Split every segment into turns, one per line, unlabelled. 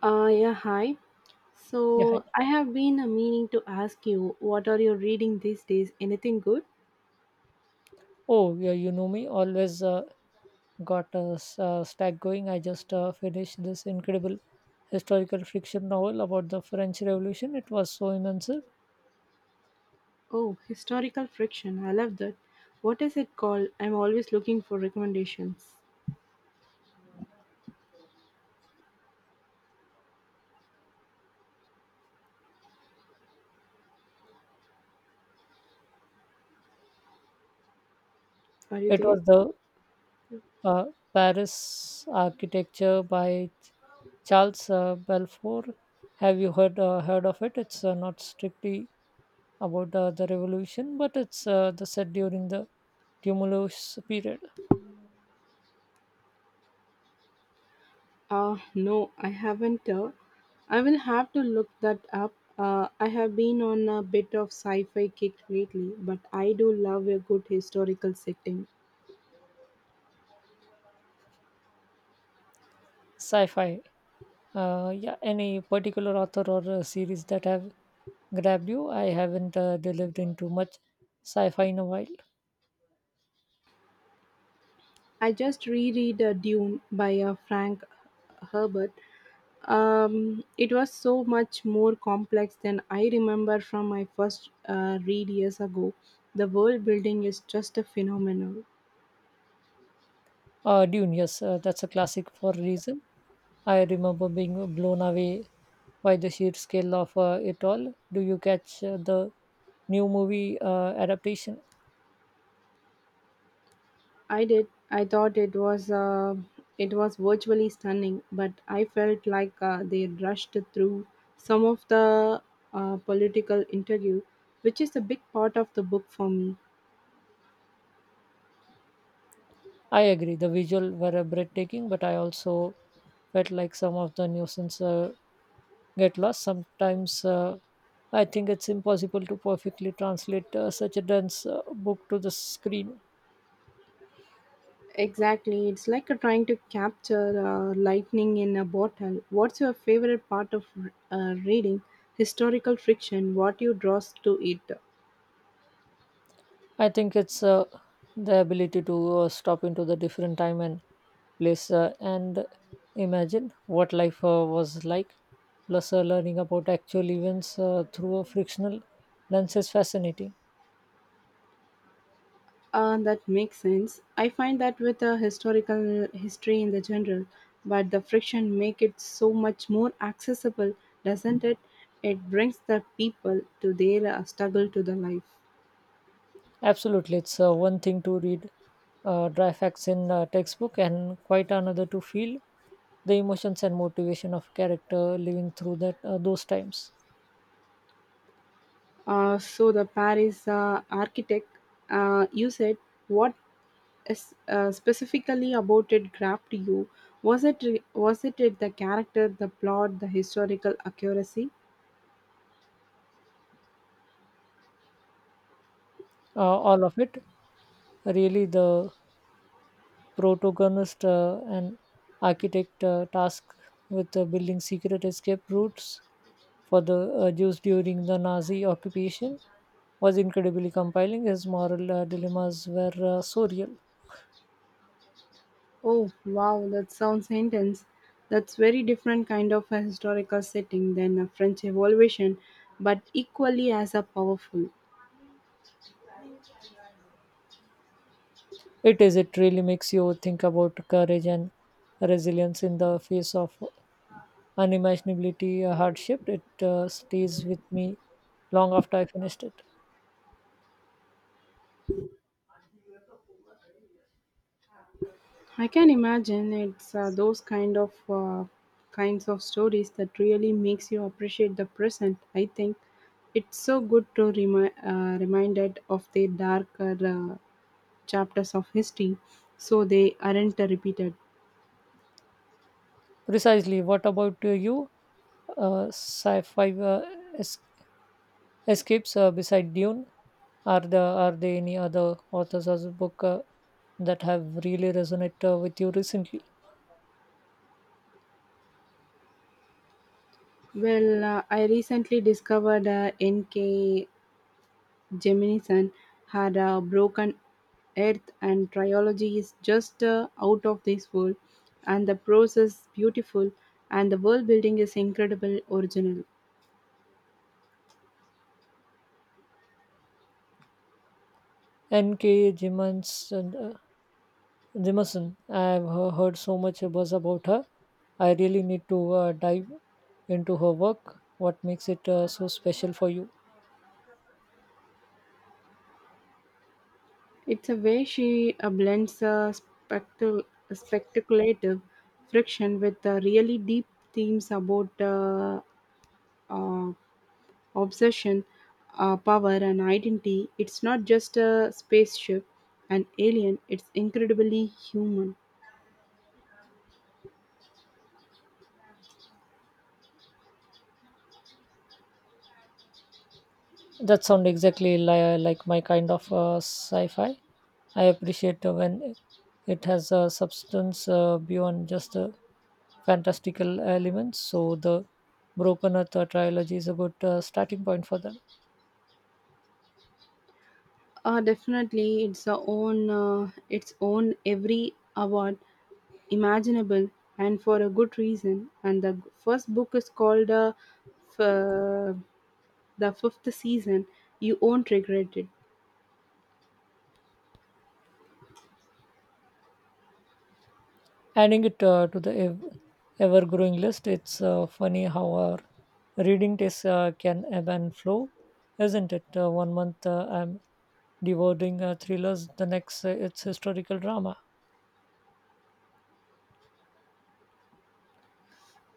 Yeah, Hi.
Yeah, hi.
So I have been meaning to ask you, what are you reading these days? Anything good?
Oh, yeah, you know me. Always got a stack going. I just finished this incredible historical fiction novel about the French Revolution. It was so immense.
Oh, historical friction. I love that. What is it called? I'm always looking for recommendations. Are you
It
there?
was the uh, Paris Architecture by Charles Balfour. Have you heard of it? It's not strictly about the revolution, but it's the set during the tumulus period.
No, I haven't. I will have to look that up. I have been on a bit of sci-fi kick lately, but I do love a good historical setting.
Sci-fi. Yeah, any particular author or series that have grabbed you? I haven't delved into much sci-fi in a while.
I just reread Dune by Frank Herbert. It was so much more complex than I remember from my first read years ago. The world building is just a phenomenon.
Dune, yes, that's a classic for a reason. I remember being blown away by the sheer scale of it all. Do you catch the new movie adaptation?
I did. I thought it was virtually stunning, but I felt like they rushed through some of the political interview, which is a big part of the book for me.
I agree, the visual were breathtaking, but I also felt like some of the nuisance get lost. Sometimes I think it's impossible to perfectly translate such a dense book to the screen.
Exactly. It's like trying to capture lightning in a bottle. What's your favorite part of reading? Historical fiction, what you draws to it.
I think it's the ability to stop into the different time and place and imagine what life was like. Plus, learning about actual events through a frictional lens is fascinating.
That makes sense. I find that with a historical history in the general, but the friction make it so much more accessible, doesn't it? It brings the people to their struggle to the life.
Absolutely, it's one thing to read dry facts in a textbook, and quite another to feel the emotions and motivation of character living through that those times.
So the Paris architect, you said, what specifically about it grabbed you? Was it the character, the plot, the historical accuracy?
Uh, all of it, really, the protagonist and architect task with building secret escape routes for the Jews during the Nazi occupation was incredibly compelling. His moral dilemmas were so real.
Oh wow, that sounds intense. That's very different kind of a historical setting than a French Revolution, but equally as a powerful.
It is. It really makes you think about courage and resilience in the face of unimaginability, hardship. It stays with me long after I finished it.
I can imagine it's those kind of kinds of stories that really makes you appreciate the present. I think it's so good to reminded of the darker chapters of history so they aren't repeated.
Precisely. What about you? Sci-fi es- escapes beside Dune. Are there any other authors or book that have really resonated with you recently?
Well, I recently discovered N.K. Jemisin had a broken earth, and trilogy is just out of this world. And the prose is beautiful, and the world building is incredible, original.
N.K. Jemans and Jameson. I've heard so much buzz about her. I really need to dive into her work. What makes it so special for you?
It's a way she blends spectacle, speculative friction with really deep themes about uh, obsession, power, and identity. It's not just a spaceship, an alien. It's incredibly human.
That sounds exactly like my kind of sci-fi. I appreciate when it has a substance beyond just the fantastical elements. So the Broken Earth trilogy is a good starting point for them.
Definitely, it's a own its own every award imaginable, and for a good reason. And the first book is called f- uh, the fifth season. You won't regret it.
Adding it to the ever growing list, it's funny how our reading tastes can ebb and flow, isn't it? One month I'm devouring thrillers, the next it's historical drama.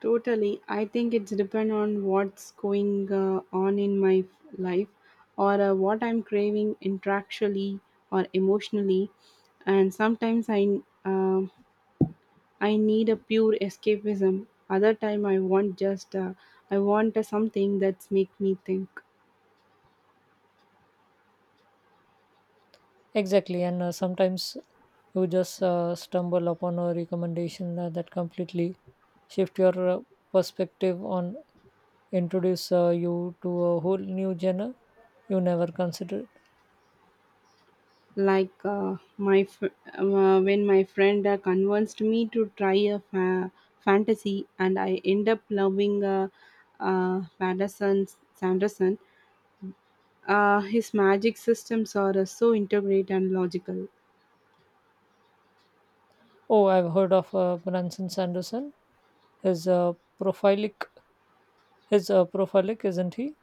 Totally. I think it's depend on what's going on in my life or what I'm craving intellectually or emotionally. And sometimes um I need a pure escapism. Other time I want just I want something that's make me think.
Exactly, and sometimes you just stumble upon a recommendation that completely shift your perspective on introduce you to a whole new genre you never considered.
Like when my friend convinced me to try a fantasy, and I end up loving Madison Sanderson. His magic systems are so integrate and logical.
Oh, I've heard of Branson Sanderson. His uh, prolific, his prolific, isn't he?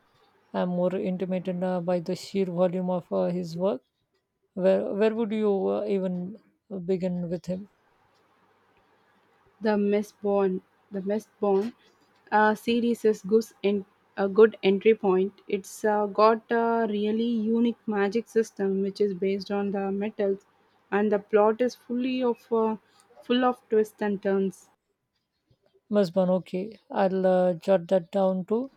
I'm more intimidated by the sheer volume of his work. Where would you even begin with him?
The Mistborn, the Mistborn series is a good entry point. It's got a really unique magic system which is based on the metals, and the plot is full of twists and turns.
Musban, okay, I'll jot that down too.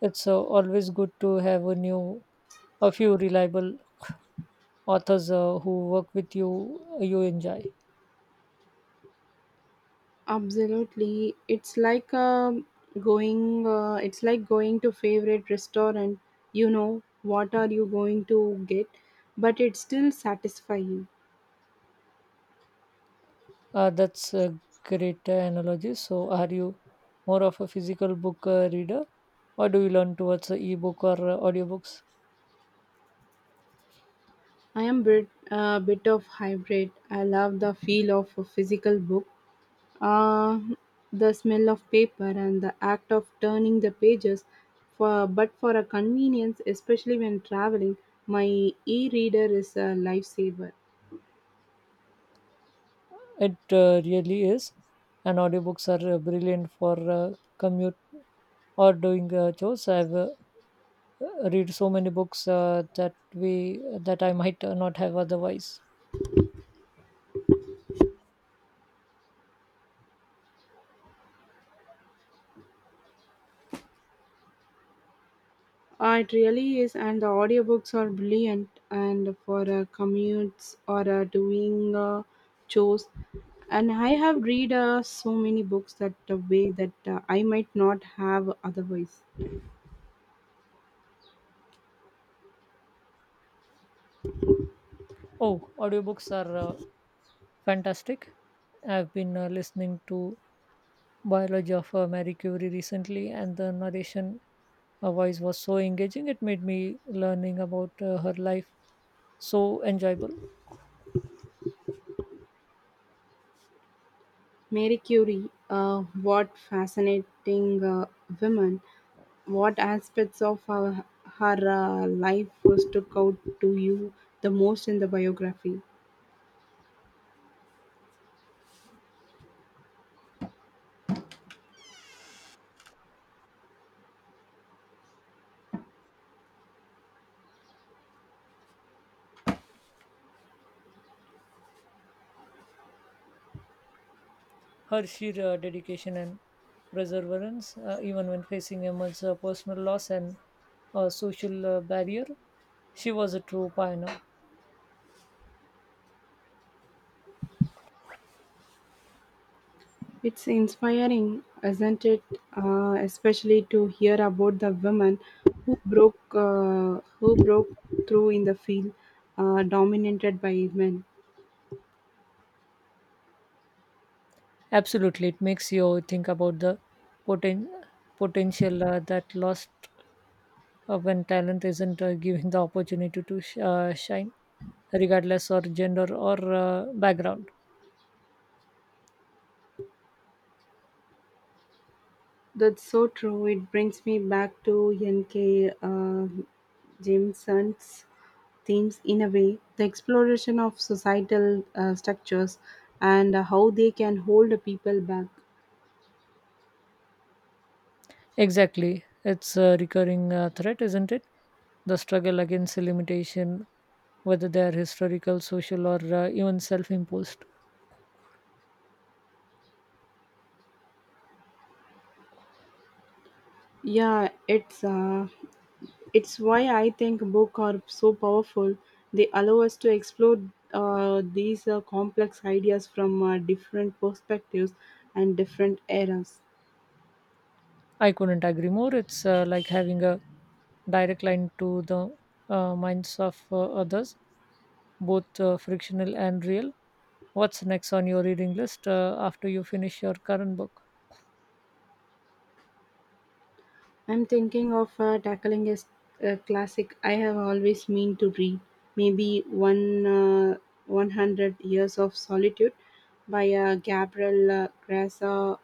It's always good to have a few reliable authors who work with you enjoy.
Absolutely, it's like going. It's like going to favorite restaurant. You know what are you going to get, but it's still satisfying.
That's a great analogy. So, are you more of a physical book reader, or do you learn towards ebook or audiobooks?
I am bit of hybrid. I love the feel of a physical book, uh, the smell of paper, and the act of turning the pages. For but for a convenience, especially when traveling, my e-reader is a lifesaver.
It really is, and audiobooks are brilliant for commute or doing chores. I've read so many books that I might not have otherwise.
It really is, and the audiobooks are brilliant. And for commutes or doing chores, and I have read so many books that way that I might not have otherwise.
Oh, audiobooks are fantastic. I've been listening to biology of Marie Curie recently, and the narration voice was so engaging. It made me learning about her life so enjoyable.
Mary Curie, what fascinating women! What aspects of her life was took out to you the most in the biography?
Her sheer dedication and perseverance, even when facing immense personal loss and social barrier, she was a true pioneer.
It's inspiring, isn't it? Especially to hear about the women who broke through in the field, dominated by men.
Absolutely, it makes you think about the poten- potential that lost when talent isn't given the opportunity to shine, regardless of gender or background.
That's so true. It brings me back to N.K. Jameson's themes in a way. The exploration of societal structures and how they can hold people back.
Exactly, it's a recurring threat, isn't it? The struggle against limitation, whether they are historical, social, or even self imposed.
Yeah, it's why I think books are so powerful. They allow us to explore these complex ideas from different perspectives and different eras.
I couldn't agree more. It's like having a direct line to the minds of others, both frictional and real. What's next on your reading list after you finish your current book?
I'm thinking of tackling a classic I have always meant to read, maybe one 100 Years of Solitude by Gabriel Gracia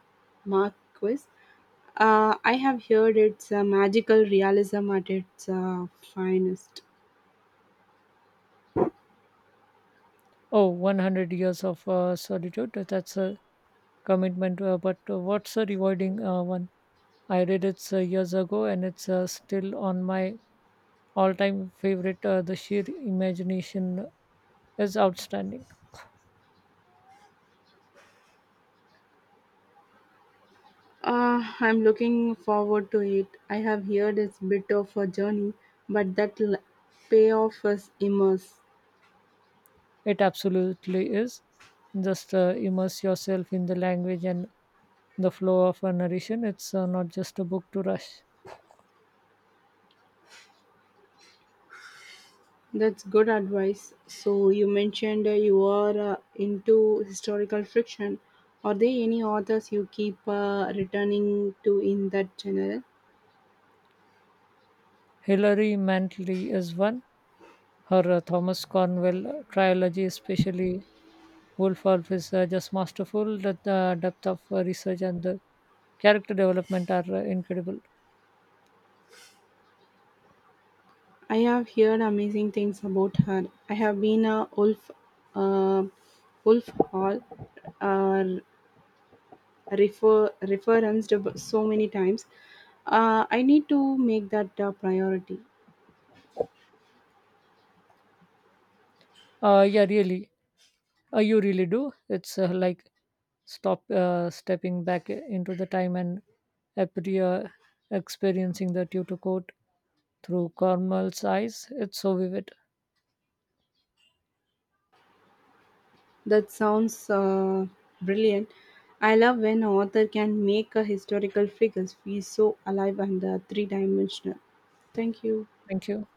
Marquez. I have heard it's a magical realism at its finest.
Oh, 100 years of solitude. That's a commitment. But what's a rewarding one? I read it years ago and it's still on my all time favorite. The sheer imagination is outstanding.
I'm looking forward to it. I have heard it's a bit of a journey, but that payoff is immense.
It absolutely is. Just immerse yourself in the language and the flow of a narration. It's not just a book to rush.
That's good advice. So you mentioned you are into historical fiction. Are there any authors you keep returning to in that genre?
Hilary Mantley is one. Her Thomas Cornwell trilogy, especially Woolfolk is just masterful. That the depth of research and the character development are incredible.
I have heard amazing things about her. I have been a uh, Wolf Hall, uh, referenced so many times. I need to make that a priority.
Yeah, really, you really do. It's like stop stepping back into the time and appear, experiencing the tutu court through Cornwall's eyes. It's so vivid.
That sounds brilliant. I love when an author can make a historical figures feel so alive and three dimensional. Thank you.
Thank you.